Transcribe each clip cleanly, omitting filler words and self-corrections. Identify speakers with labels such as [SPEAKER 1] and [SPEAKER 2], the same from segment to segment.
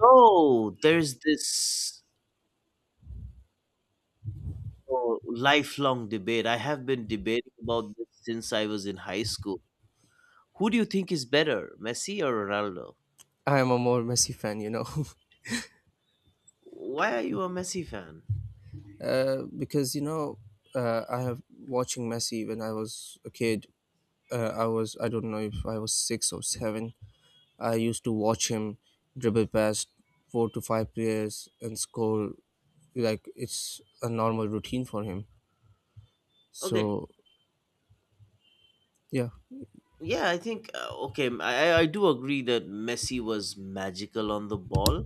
[SPEAKER 1] So there's this oh, lifelong debate. I have been debating about this since I was in high school. Who do you think is better, Messi or Ronaldo?
[SPEAKER 2] I am a more Messi fan, you know.
[SPEAKER 1] Why are you a Messi fan?
[SPEAKER 2] Because I have watching Messi when I was a kid. I was, I don't know if I was six or seven. I used to watch him dribble past four to five players and score like it's a normal routine for him.
[SPEAKER 1] Okay,
[SPEAKER 2] So yeah.
[SPEAKER 1] yeah, I think okay, I do agree that Messi was magical on the ball,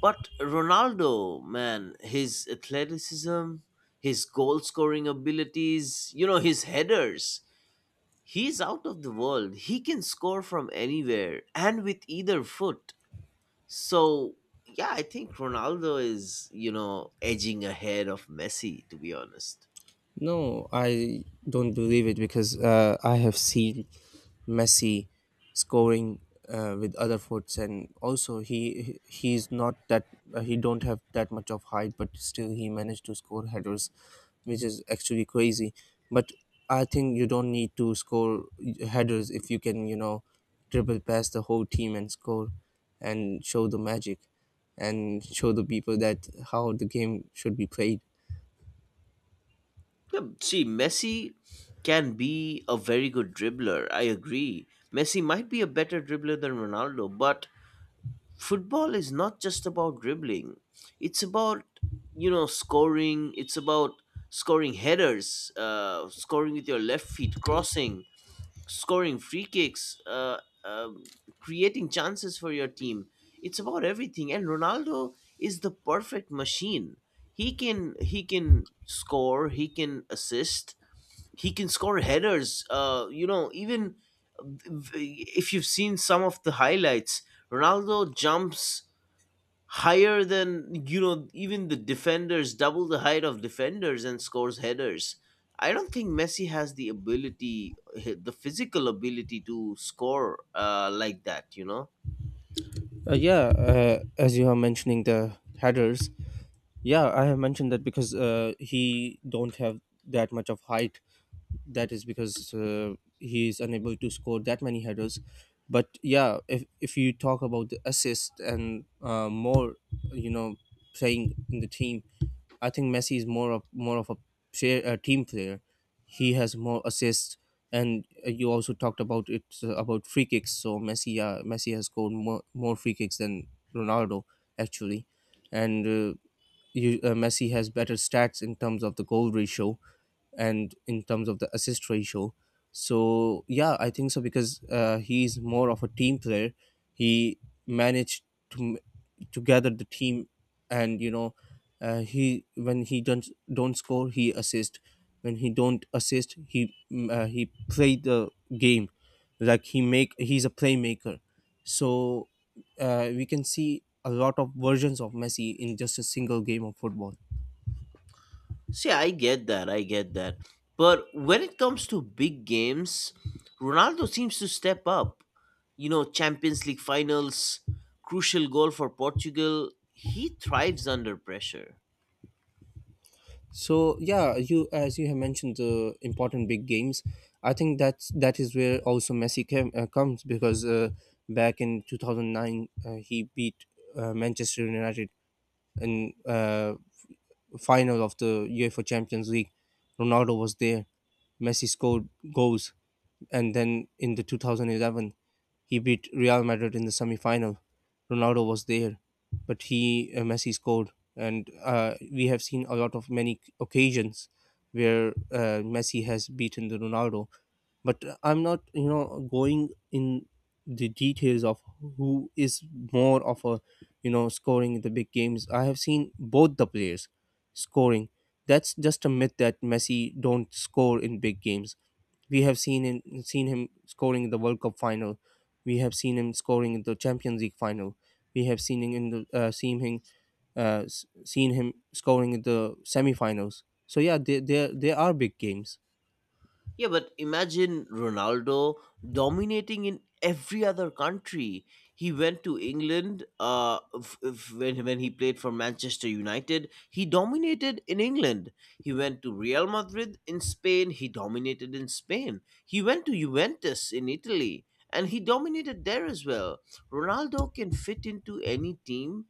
[SPEAKER 1] but Ronaldo, man, his athleticism, his goal scoring abilities, his headers. He's out of the world. He can score from anywhere and with either foot. So, yeah, I think Ronaldo is, edging ahead of Messi, to be honest.
[SPEAKER 2] No, I don't believe it because I have seen Messi scoring with other foots, and also he's not that he don't have that much of height, but still he managed to score headers, which is actually crazy. But I think you don't need to score headers if you can, dribble past the whole team and score, and show the magic, and show the people that how the game should be played.
[SPEAKER 1] Yeah, see, Messi can be a very good dribbler. I agree. Messi might be a better dribbler than Ronaldo, but football is not just about dribbling. It's about, scoring. It's about scoring headers, scoring with your left feet, crossing scoring free kicks, um, creating chances for your team. It's about everything. And Ronaldo is the perfect machine. He can score. He can assist. He can score headers. Even if you've seen some of the highlights, Ronaldo jumps higher than even the defenders, double the height of defenders, and scores headers. I don't think Messi has the physical ability to score like that.
[SPEAKER 2] Yeah, as you are mentioning the headers, yeah, I have mentioned that because he don't have that much of height. That is because he is unable to score that many headers. But yeah, if you talk about the assist and more, you know, playing in the team, I think Messi is more of a, share, a team player. He has more assists, and you also talked about it about free kicks. So Messi, Messi has scored more free kicks than Ronaldo actually, and you, Messi has better stats in terms of the goal ratio and in terms of the assist ratio. So yeah, I think so because he's more of a team player. He managed to m- to gather the team, and you know, he, when he don't score, he assist. When he don't assist, he he play the game, like he's a playmaker. So we can see a lot of versions of Messi in just a single game of football.
[SPEAKER 1] See, I get that, but when it comes to big games, Ronaldo seems to step up, Champions League finals, crucial goal for Portugal. He thrives under pressure.
[SPEAKER 2] So yeah, you, as you have mentioned the important big games, I think that is where also comes because back in 2009 he beat Manchester United in final of the UEFA Champions League. Ronaldo was there. Messi scored goals, and then in the 2011 he beat Real Madrid in the semi-final. Ronaldo was there, but he Messi scored, and we have seen a lot of many occasions where Messi has beaten the Ronaldo. But I'm not, you know, going in the details of who is more of a, you know, scoring in the big games. I have seen both the players scoring. That's just a myth that Messi don't score in big games. We have seen seen him scoring in the World Cup final. We have seen him scoring in the Champions League final. We have seen him in the seen seen him scoring in the semi-finals. So yeah, they they are big games.
[SPEAKER 1] Yeah, but imagine Ronaldo dominating in every other country. He went to England, when he played for Manchester United. He dominated in England. He went to Real Madrid in Spain. He dominated in Spain. He went to Juventus in Italy and he dominated there as well. Ronaldo can fit into any team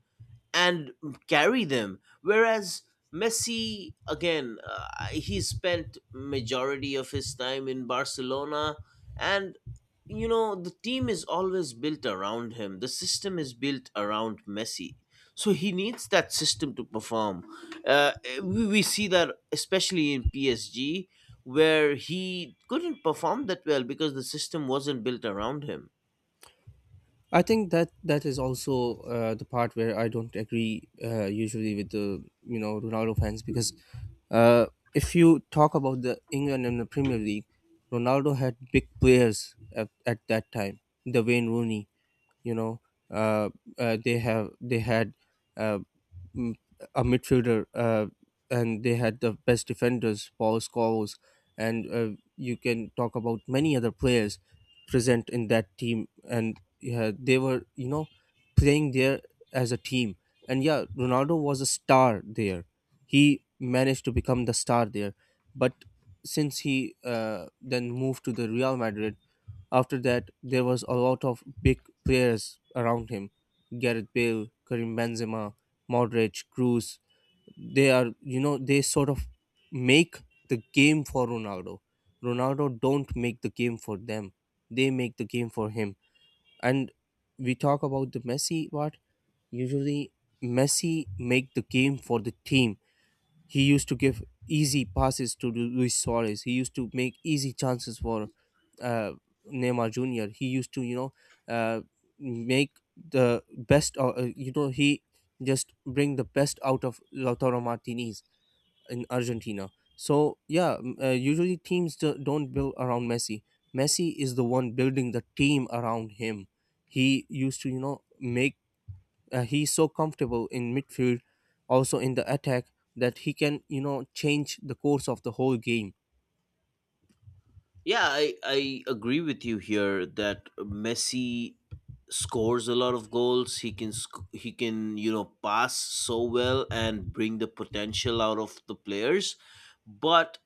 [SPEAKER 1] and carry them. Whereas Messi, again, he spent majority of his time in Barcelona, and the team is always built around him. The system is built around Messi, so he needs that system to perform. Uh, we see that especially in PSG, where he couldn't perform that well because the system wasn't built around him.
[SPEAKER 2] I think that is also the part where I don't agree usually with the, you know, Ronaldo fans because uh, if you talk about the England and the Premier League, Ronaldo had big players at that time. The Wayne Rooney, you know uh, they had uh, m- a midfielder, and they had the best defenders, Paul Scholes, and you can talk about many other players present in that team, and yeah, they were, you know, playing there as a team, and yeah, Ronaldo was a star there. He managed to become the star there, but since he then moved to the Real Madrid, after that, there was a lot of big players around him. Gareth Bale, Karim Benzema, Modric, Cruz. They are, you know, they sort of make the game for Ronaldo. Ronaldo don't make the game for them. They make the game for him. And we talk about the Messi part. Usually, Messi make the game for the team. He used to give easy passes to Luis Suarez. He used to make easy chances for uh, Neymar Jr. He used to, you know, uh, make the best, you know, he just bring the best out of Lautaro Martinez in Argentina. So, yeah, usually teams don't build around Messi. Messi is the one building the team around him. He used to, you know, make he's so comfortable in midfield, also in the attack, that he can, you know, change the course of the whole game.
[SPEAKER 1] Yeah, I agree with you here that Messi scores a lot of goals. He can pass so well and bring the potential out of the players, but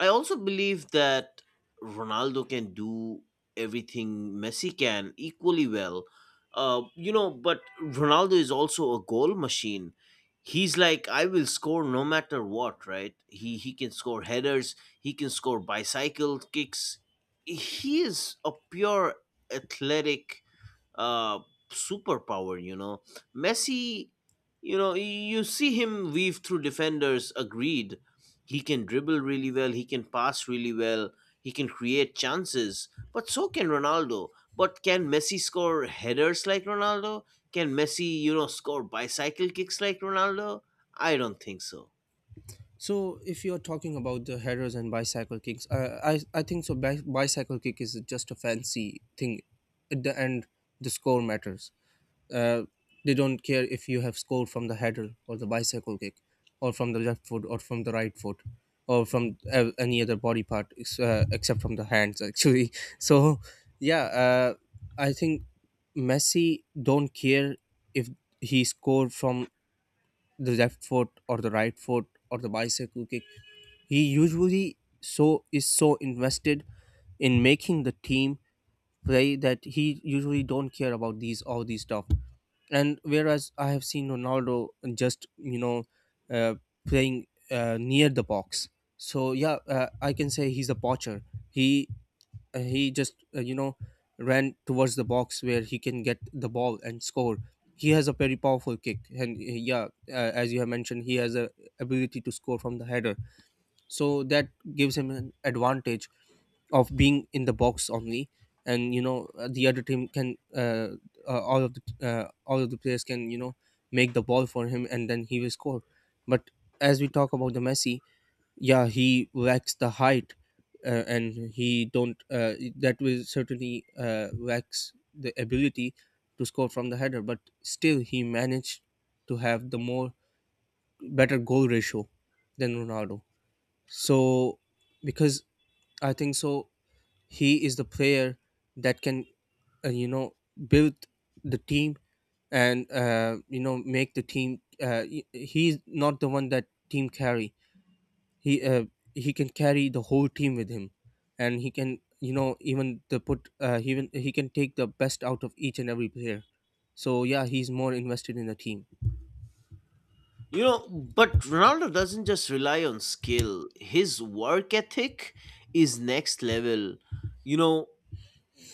[SPEAKER 1] I also believe that Ronaldo can do everything Messi can equally well. But Ronaldo is also a goal machine. He's like, I will score no matter what, right? He can score headers, he can score bicycle kicks. He is a pure athletic uh, superpower. Messi. You see him weave through defenders. Agreed, he can dribble really well. He can pass really well. He can create chances. But so can Ronaldo. But can Messi score headers like Ronaldo? Can Messi, score bicycle kicks like Ronaldo? I don't think so.
[SPEAKER 2] So if you're talking about the headers and bicycle kicks, I think so. Bicycle kick is just a fancy thing. At the end, the score matters. Uh, they don't care if you have scored from the header or the bicycle kick, or from the left foot or from the right foot, or from any other body part except from the hands actually. So yeah, I think Messi don't care if he scored from the left foot or the right foot or the bicycle kick. He usually is so invested in making the team play that he usually don't care about these stuff. And whereas I have seen Ronaldo just, you know, uh, playing near the box. So yeah, I can say he's a poacher. He he just you know, ran towards the box where he can get the ball and score. He has a very powerful kick, and yeah, as you have mentioned, he has a ability to score from the header. So that gives him an advantage of being in the box only, and you know, the other team can all of the players can, you know, make the ball for him, and then he will score. But as we talk about the Messi, yeah, he lacks the height, and he don't that will certainly lacks the ability to score from the header, but still he managed to have the more better goal ratio than Ronaldo. So because I think so, he is the player that can you know, build the team, and you know, make the team. He's not the one that team carry. he uh, he can carry the whole team with him, and he can, you know, even the put he even he can take the best out of each and every player. So yeah, he's more invested in the team.
[SPEAKER 1] But Ronaldo doesn't just rely on skill. His work ethic is next level. You know,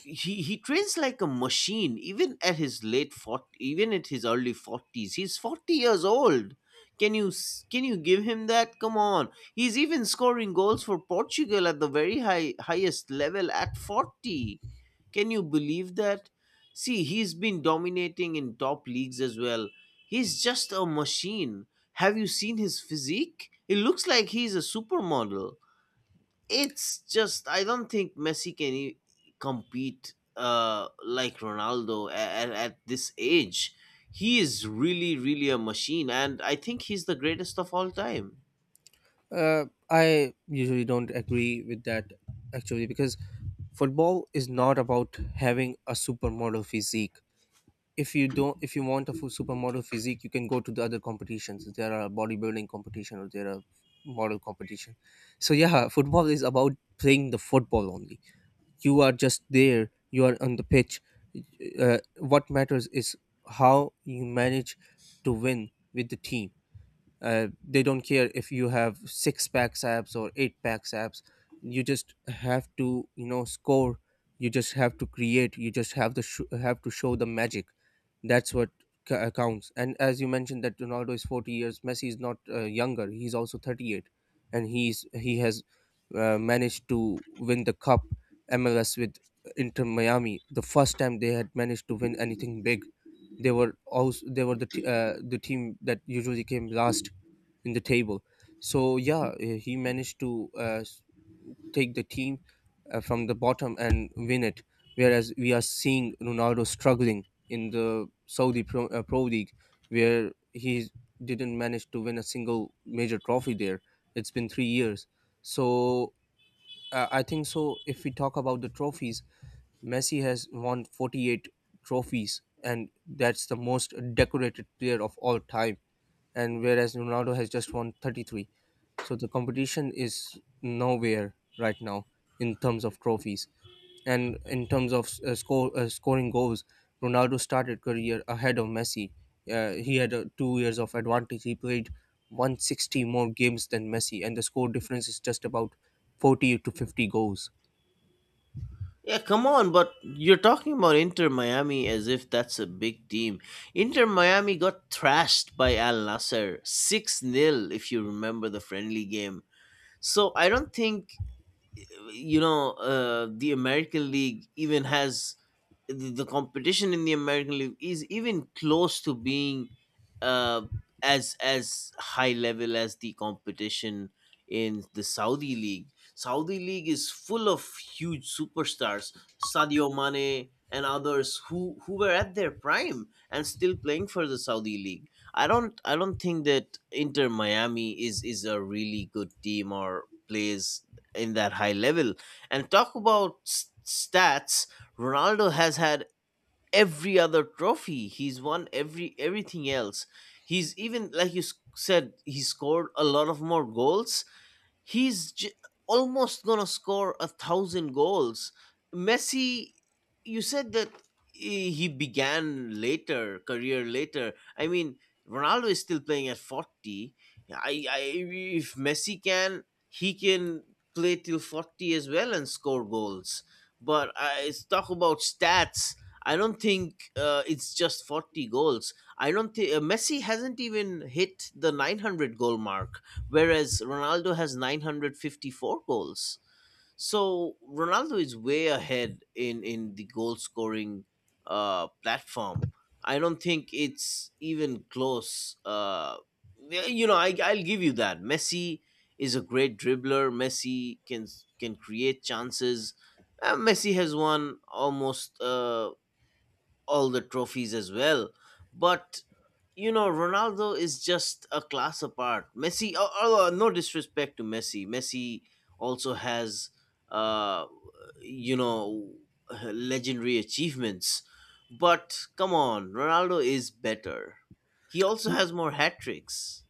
[SPEAKER 1] he trains like a machine even at his late 40, even at his early 40s. He's 40 years old. Can you give him that? Come on. He's even scoring goals for Portugal at the very highest level at 40. Can you believe that? See, he's been dominating in top leagues as well. He's just a machine. Have you seen his physique? It looks like he's a supermodel. It's just, I don't think Messi can compete like Ronaldo at this age. He is really, really a machine, and I think he's the greatest of all time.
[SPEAKER 2] I usually don't agree with that actually because football is not about having a supermodel physique. If you want a full supermodel physique, you can go to the other competitions. There are bodybuilding competition, or there are model competition. So yeah, football is about playing the football only. You are just there, you are on the pitch. What matters is how you manage to win with the team. They don't care if you have six packs abs or eight packs abs. You just have to, you know, score. You just have to create. You just have to show the magic. That's what counts. And as you mentioned that Ronaldo is 40 years, Messi is not younger. He's also 38, and he has managed to win the cup, MLS, with Inter Miami, the first time they had managed to win anything big. They were also, they were the team that usually came last in the table. So yeah, he managed to take the team from the bottom and win it. Whereas we are seeing Ronaldo struggling in the Pro League, where he didn't manage to win a single major trophy there. It's been 3 years. So I think so. If we talk about the trophies, Messi has won 48 trophies, and that's the most decorated player of all time, and whereas Ronaldo has just won 33. So the competition is nowhere right now in terms of trophies and in terms of score scoring goals. Ronaldo started career ahead of Messi. He had 2 years of advantage. He played 160 more games than Messi, and the score difference is just about 40 to 50 goals.
[SPEAKER 1] Yeah, come on, but you're talking about Inter Miami as if that's a big team. Inter Miami got thrashed by Al Nasser 6 nil, if you remember, the friendly game. So I don't think the American League even has the competition in the American League is even close to being uh, as high level as the competition in the Saudi League. Saudi League is full of huge superstars, Sadio Mane and others who were at their prime and still playing for the Saudi League. I don't think that Inter Miami is a really good team or plays in that high level. And talk about stats. Ronaldo has had every other trophy. He's won everything else. He's even like you said, he scored a lot of more goals. He's almost gonna score 1,000 goals. Messi, you said that he began later, career later. I mean, Ronaldo is still playing at 40. I if Messi can, he can play till 40 as well and score goals. But I it's talk about stats. I don't think it's just 40 goals. I don't think Messi hasn't even hit the 900 goal mark whereas Ronaldo has 954 goals. So Ronaldo is way ahead in the goal scoring platform. I don't think it's even close. Yeah, I'll give you that. Messi is a great dribbler. Messi can create chances. Messi has won almost all the trophies as well. But Ronaldo is just a class apart. Messi, although no disrespect to Messi, Messi also has uh, you know, legendary achievements. But come on, Ronaldo is better. He also has more hat tricks.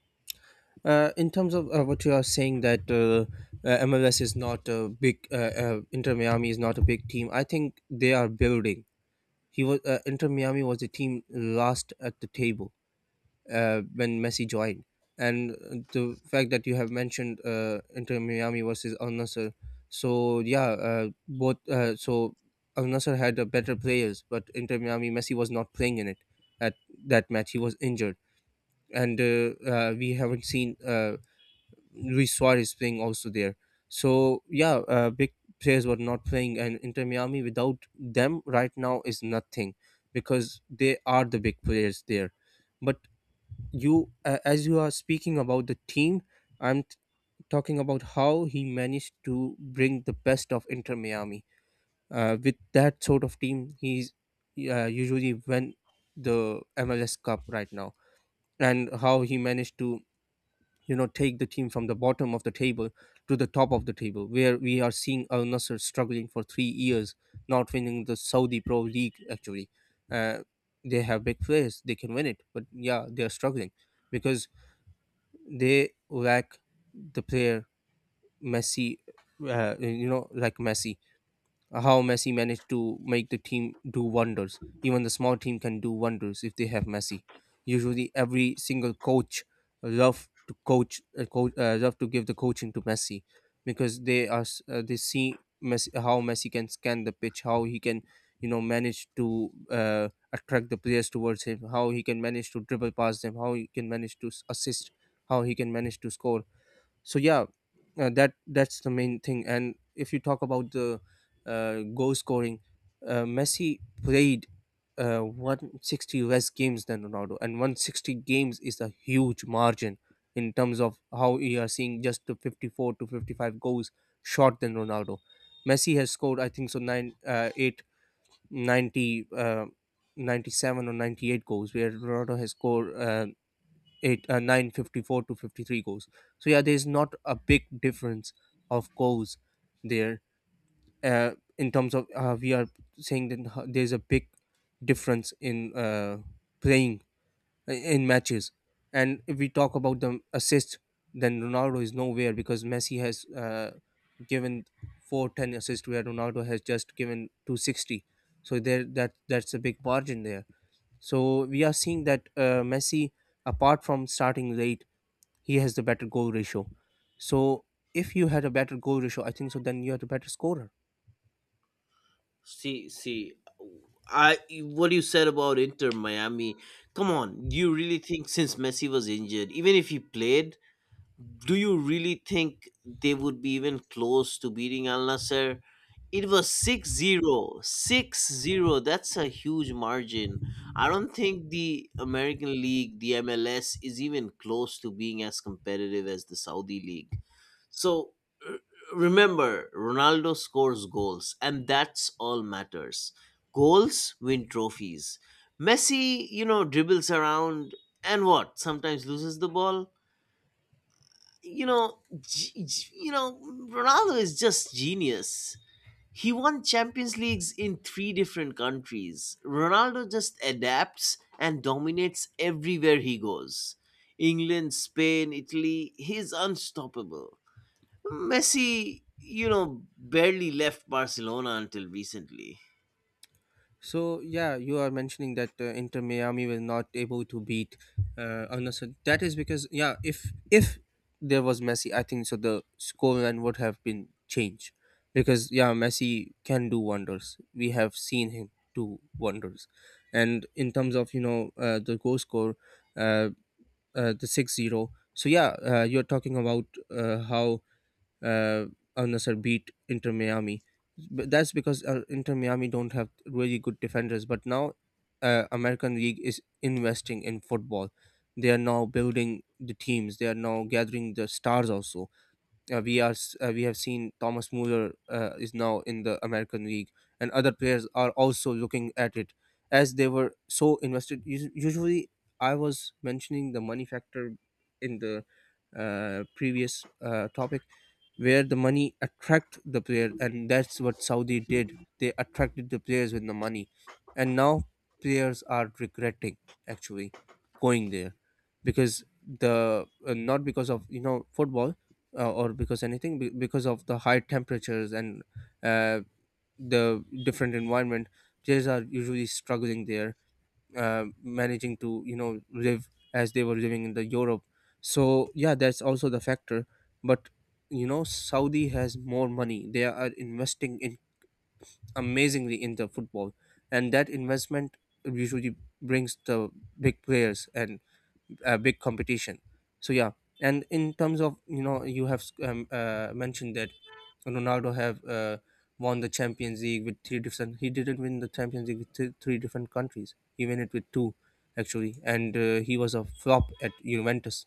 [SPEAKER 2] In terms of what you are saying that MLS is not a big, Inter Miami is not a big team. I think they are building. He was, Inter Miami was the team last at the table when Messi joined, and the fact that you have mentioned Inter Miami versus Al Nassr, so yeah, both so Al Nassr had better players, but Inter Miami, Messi was not playing in it at that match. He was injured, and we haven't seen Luis Suarez playing also there. So yeah, big players were not playing, and Inter Miami without them right now is nothing because they are the big players there. But as you are speaking about the team, I'm t- talking about how he managed to bring the best of Inter Miami. With that sort of team, he's usually win the MLS Cup right now, and how he managed to take the team from the bottom of the table to the top of the table, where we are seeing Al Nasser struggling for 3 years, not winning the Saudi Pro League actually. uh, they have big players, they can win it, but yeah, they are struggling because they lack the player Messi. Like Messi, how Messi managed to make the team do wonders. Even the small team can do wonders if they have Messi. Usually, every single coach love to coach, coach love to give the coaching to Messi, because they see Messi, how Messi can scan the pitch, how he can manage to attract the players towards him, how he can manage to dribble past them, how he can manage to assist, how he can manage to score. So yeah, that's the main thing. And if you talk about the goal scoring, messi played 160 less games than ronaldo, and 160 games is a huge margin in terms of how you are seeing just the 54 to 55 goals short than ronaldo. Messi has scored, I think so, 9 uh, eight ninety, uh, 97 or 98 goals, where ronaldo has scored eight 954 to 53 goals. So yeah, there's not a big difference of goals there. uh, in terms of we are saying that there's a big difference in playing in matches. And if we talk about the assist, then ronaldo is nowhere, because messi has given 410 assists, where ronaldo has just given 260. So there, that's a big margin there. So we are seeing that messi, apart from starting late, he has the better goal ratio. So if you had a better goal ratio, I think so, then you are the better scorer.
[SPEAKER 1] See, see, I what you said about Inter Miami. Come on, do you really think, since Messi was injured, even if he played, do you really think they would be even close to beating Al Nasser? It was 6-0. That's a huge margin. I don't think the American League, the MLS, is even close to being as competitive as the Saudi League. So, r- remember, Ronaldo scores goals, and that's all matters. Goals win trophies. Messi, dribbles around and what? Sometimes loses the ball you know, g- g- you know, Ronaldo is just genius. He won Champions Leagues in three different countries. Ronaldo just adapts and dominates everywhere he goes. England, Spain, Italy, he's unstoppable. Messi, barely left Barcelona until recently.
[SPEAKER 2] So yeah, you are mentioning that Inter Miami was not able to beat Al Nassr. That is because yeah, if there was Messi, I think so the scoreline would have been changed, because yeah, Messi can do wonders. We have seen him do wonders, and in terms of the goal score, uh, the 6-0. So yeah, you're talking about how uh, Al Nassr beat Inter Miami. But that's because Inter Miami don't have really good defenders. But now, American League is investing in football. They are now building the teams. They are now gathering the stars also. We have seen Thomas Muller is now in the American League, and other players are also looking at it as they were so invested. Usually, I was mentioning the money factor in the previous topic, where the money attract the player, and that's what Saudi did. They attracted the players with the money, and now players are regretting actually going there, because the not because of football or because anything because of the high temperatures and uh, the different environment. Players are usually struggling there, managing to live as they were living in the europe. So yeah, that's also the factor. But saudi has more money, they are investing in amazingly in the football, and that investment usually brings the big players and a big competition. So yeah. And in terms of you have mentioned that ronaldo have won the champions league with three different he didn't win the champions league with three different countries, he won it with two actually. And he was a flop at juventus.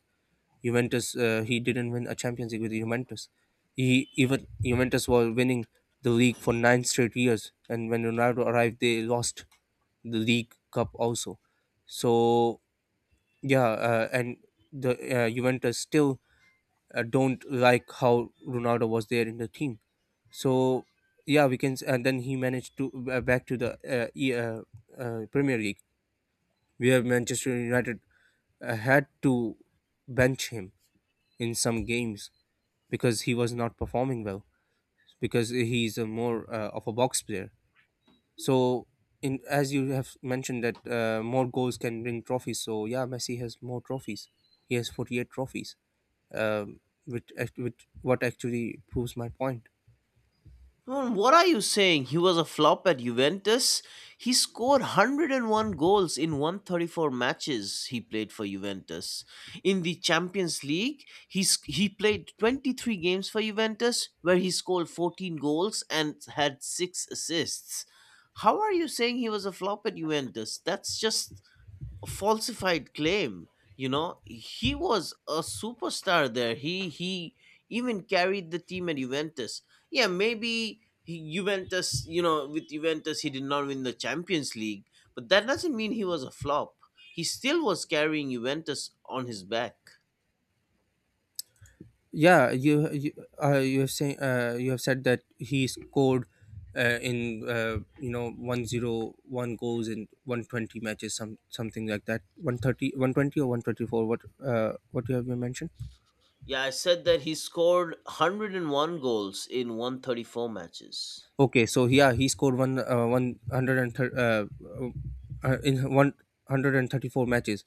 [SPEAKER 2] He didn't win a champions league with juventus. He even juventus were winning the league for 9 straight years, and when ronaldo arrived, they lost the league cup also. So yeah, and the Juventus still don't like how Ronaldo was there in the team. So yeah, And then he managed to back to the Premier League, where Manchester United had to bench him in some games because he was not performing well. Because he's a more of a box player. So, in as you have mentioned that more goals can bring trophies. So yeah, Messi has more trophies. He has 48 trophies. um, which what actually proves my point.
[SPEAKER 1] Man, what are you saying? He was a flop at Juventus. He scored 101 goals in 134 matches he played for Juventus. In the Champions League, he played 23 games for Juventus, where he scored 14 goals and had 6 assists. How are you saying he was a flop at Juventus? That's just falsified claim. He was a superstar there. He even carried the team at Juventus. Yeah, maybe, he, juventus you know with Juventus he did not win the Champions League, but that doesn't mean he was a flop. He still was carrying Juventus on his back.
[SPEAKER 2] Yeah, you have said that he scored in you know 101 goals in 120 matches, some something like that, 130, 120, or 124, what you have you mentioned.
[SPEAKER 1] Yeah, I said that he scored 101 goals in 134 matches.
[SPEAKER 2] Okay so yeah he scored one uh, 130 uh, uh, in 134 matches.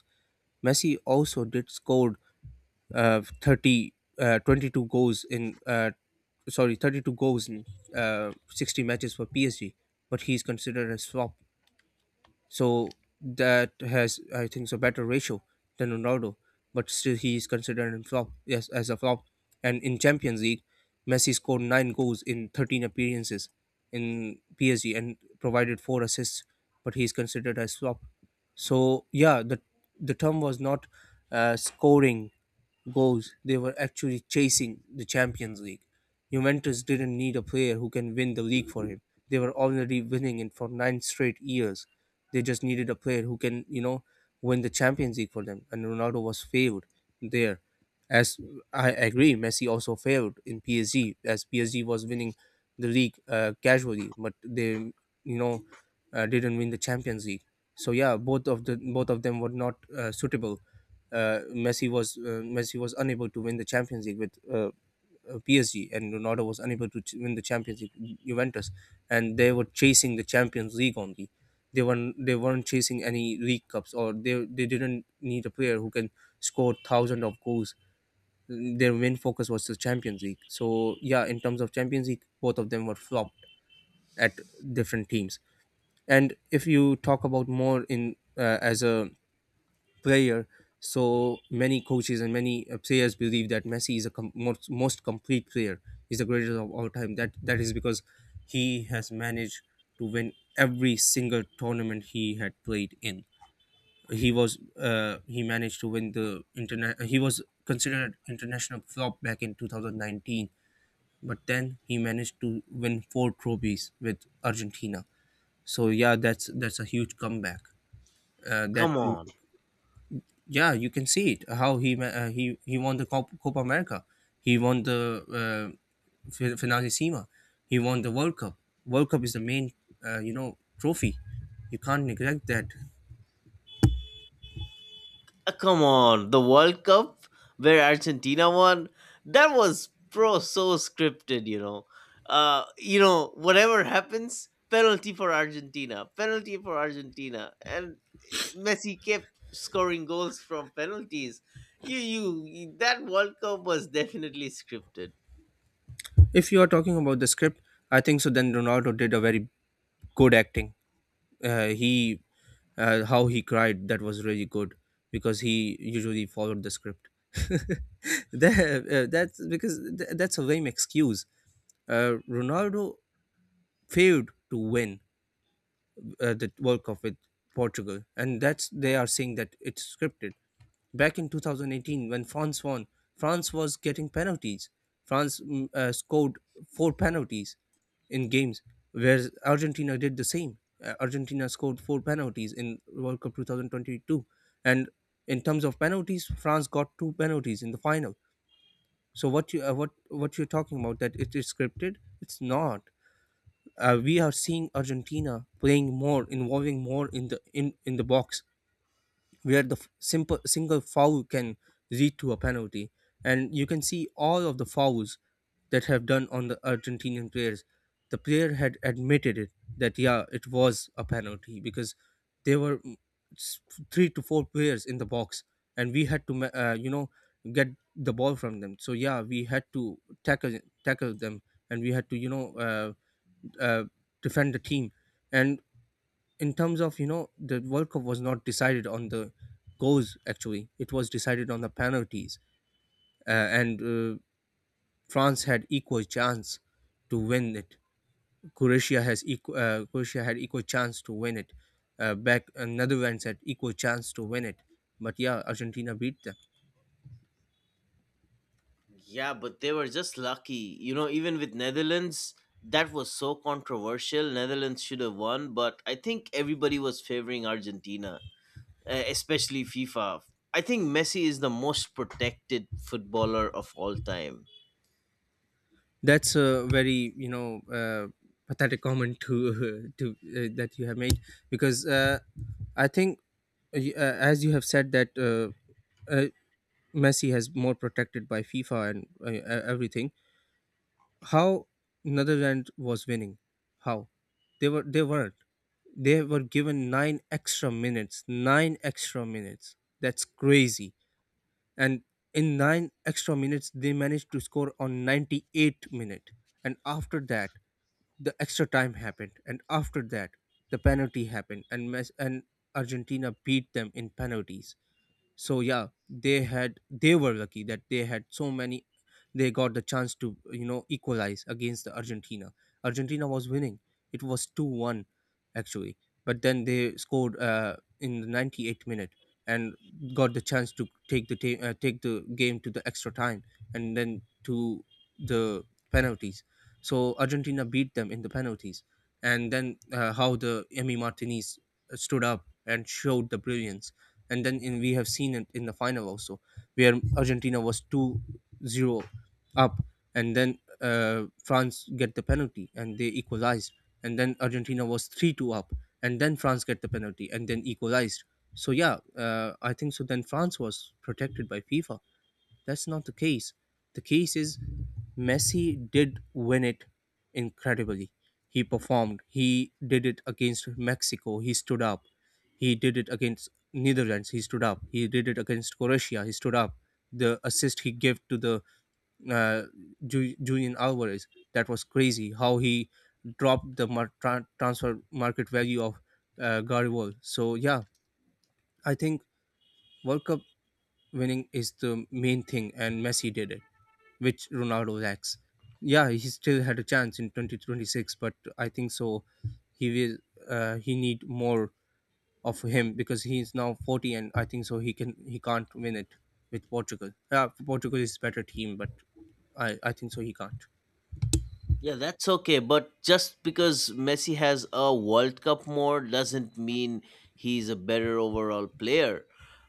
[SPEAKER 2] Messi also did scored uh, 30 uh, 22 goals in uh, sorry 32 goals in 60 matches for PSG, but he's considered a swap. So that has, I think, so better ratio than Ronaldo. But still, he is considered a flop. Yes, as a flop. And in Champions League, Messi scored nine goals in 13 appearances in PSG and provided four assists. But he is considered as flop. So yeah, the term was not scoring goals; they were actually chasing the Champions League. Juventus didn't need a player who can win the league for him. They were already winning it for 9 straight years. They just needed a player who can, you know, win the Champions League for them. And Ronaldo was failed there. As I agree, Messi also failed in PSG as PSG was winning the league casually, but they, you know, didn't win the Champions League. So yeah, both of them were not suitable. Messi was unable to win the Champions League with PSG, and Ronaldo was unable to win the Champions League Juventus, and they were chasing the Champions League only. They weren't chasing any league cups, or they didn't need a player who can score thousands of goals. Their main focus was the Champions League. So yeah, in terms of Champions League, both of them were flopped at different teams. And if you talk about more in as a player. So many coaches and many players believe that Messi is a most complete player. He's the greatest of all time. That is because he has managed to win every single tournament he had played in. He managed to win the internet. He was considered international flop back in 2019, but then he managed to win 4 trophies with Argentina. So yeah, that's a huge comeback. That
[SPEAKER 1] Come on.
[SPEAKER 2] yeah, you can see it how he ma- he won the copa america, he won the uh, finalissima, he won the world cup. World cup is the main trophy, you can't neglect that.
[SPEAKER 1] Come on, the World Cup where Argentina won, that was pro so scripted. Whatever happens, penalty for Argentina, and Messi kept scoring goals from penalties. That World Cup was definitely scripted.
[SPEAKER 2] If you are talking about the script, I think so then ronaldo did a very good acting. He how he cried, that was really good, because he usually followed the script. That's a lame excuse. Ronaldo failed to win the World Cup with Portugal, and that's they are saying that it's scripted. Back in 2018, when France won, France was getting penalties. France scored 4 penalties in games, whereas Argentina did the same. Argentina scored 4 penalties in World Cup 2022, and in terms of penalties, France got 2 penalties in the final. So what you're talking about that it is scripted? It's not. We are seeing Argentina playing more, involving more in in the box, where the simple single foul can lead to a penalty, and you can see all of the fouls that have done on the Argentinian players. The player had admitted it that yeah, it was a penalty because there were s- three to four players in the box, and we had to get the ball from them. So yeah, we had to tackle them, and we had to you know. Uh, Defend the team. And in terms of you know the World Cup was not decided on the goals actually; it was decided on the penalties. And France had equal chance to win it. Croatia has equal. Croatia had equal chance to win it. Back Netherlands had equal chance to win it, but yeah, Argentina beat them.
[SPEAKER 1] Yeah, but they were just lucky. Even with Netherlands, that was so controversial. Netherlands should have won, but I think everybody was favoring Argentina, especially FIFA. I think Messi is the most protected footballer of all time.
[SPEAKER 2] That's a very you know pathetic comment to to that you have made, because I think as you have said that uh, Messi has more protected by FIFA and everything. How Netherlands was winning? How they were they weren't. They were given 9 extra minutes. 9 extra minutes. That's crazy. And in 9 extra minutes, they managed to score on 98th minute. And after that, the extra time happened. And after that, the penalty happened. And Argentina beat them in penalties. So yeah, they were lucky that they had so many, they got the chance to you know equalize against the argentina. Argentina was winning, it was 2-1 actually, but then they scored in the 98th minute, and got the chance to take the game to the extra time, and then to the penalties. So argentina beat them in the penalties. And then how the emmy martinez stood up and showed the brilliance. And then we have seen it in the final also, where argentina was 2-0 up, and then france get the penalty and they equalized, and then argentina was 3-2 up, and then france get the penalty and then equalized. So yeah, I think so then france was protected by fifa. That's not the case. The case is Messi did win it incredibly. He performed. He did it against Mexico. He stood up. He did it against Netherlands. He stood up. He did it against Croatia. He stood up. The assist he gave to the uh, Julian Alvarez, that was crazy. How he dropped the transfer market value of Garibald. So yeah, I think World Cup winning is the main thing, and Messi did it, which Ronaldo lacks. Yeah, he still had a chance in 2026, but I think so. He will. He need more of him because he is now 40, and I think so. He can. He can't win it with Portugal. Yeah, Portugal is better team, but I think so. He can't.
[SPEAKER 1] Yeah, that's okay. But just because Messi has a World Cup more doesn't mean he's a better overall player.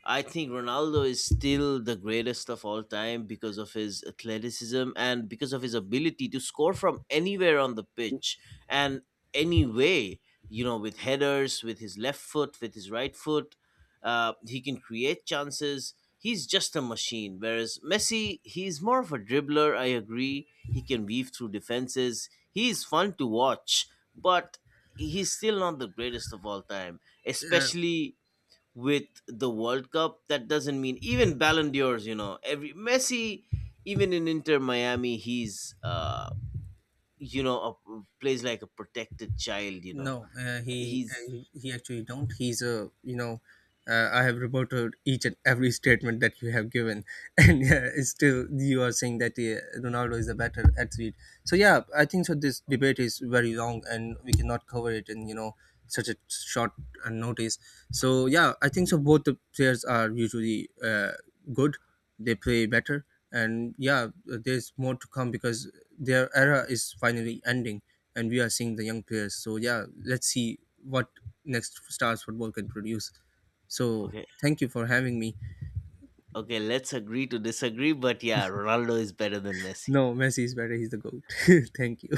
[SPEAKER 1] I think Ronaldo is still the greatest of all time because of his athleticism and because of his ability to score from anywhere on the pitch and any way, with headers, with his left foot, with his right foot. He can create chances. He's just a machine. Whereas Messi, he's more of a dribbler, I agree, he can weave through defenses. He is fun to watch, but he's still not the greatest of all time, especially with the World Cup. That doesn't mean even Ballon d'Ors, every Messi, even in Inter Miami, he's, you know, a, plays like a protected child. He's
[SPEAKER 2] He actually don't. He's a you know, I have reported each and every statement that you have given, and it's still you are saying that Ronaldo is a better athlete. So yeah, I think so, this debate is very long, and we cannot cover it in you know such a short notice. So yeah, I think so. Both the players are usually good, they play better, and yeah, there's more to come because their era is finally ending, and we are seeing the young players. So yeah, let's see what next stars football can produce. So
[SPEAKER 1] okay.
[SPEAKER 2] thank you for having me.
[SPEAKER 1] Okay, let's agree to disagree, but yeah, Ronaldo is better than Messi.
[SPEAKER 2] No, Messi is better. He's the goat. thank you.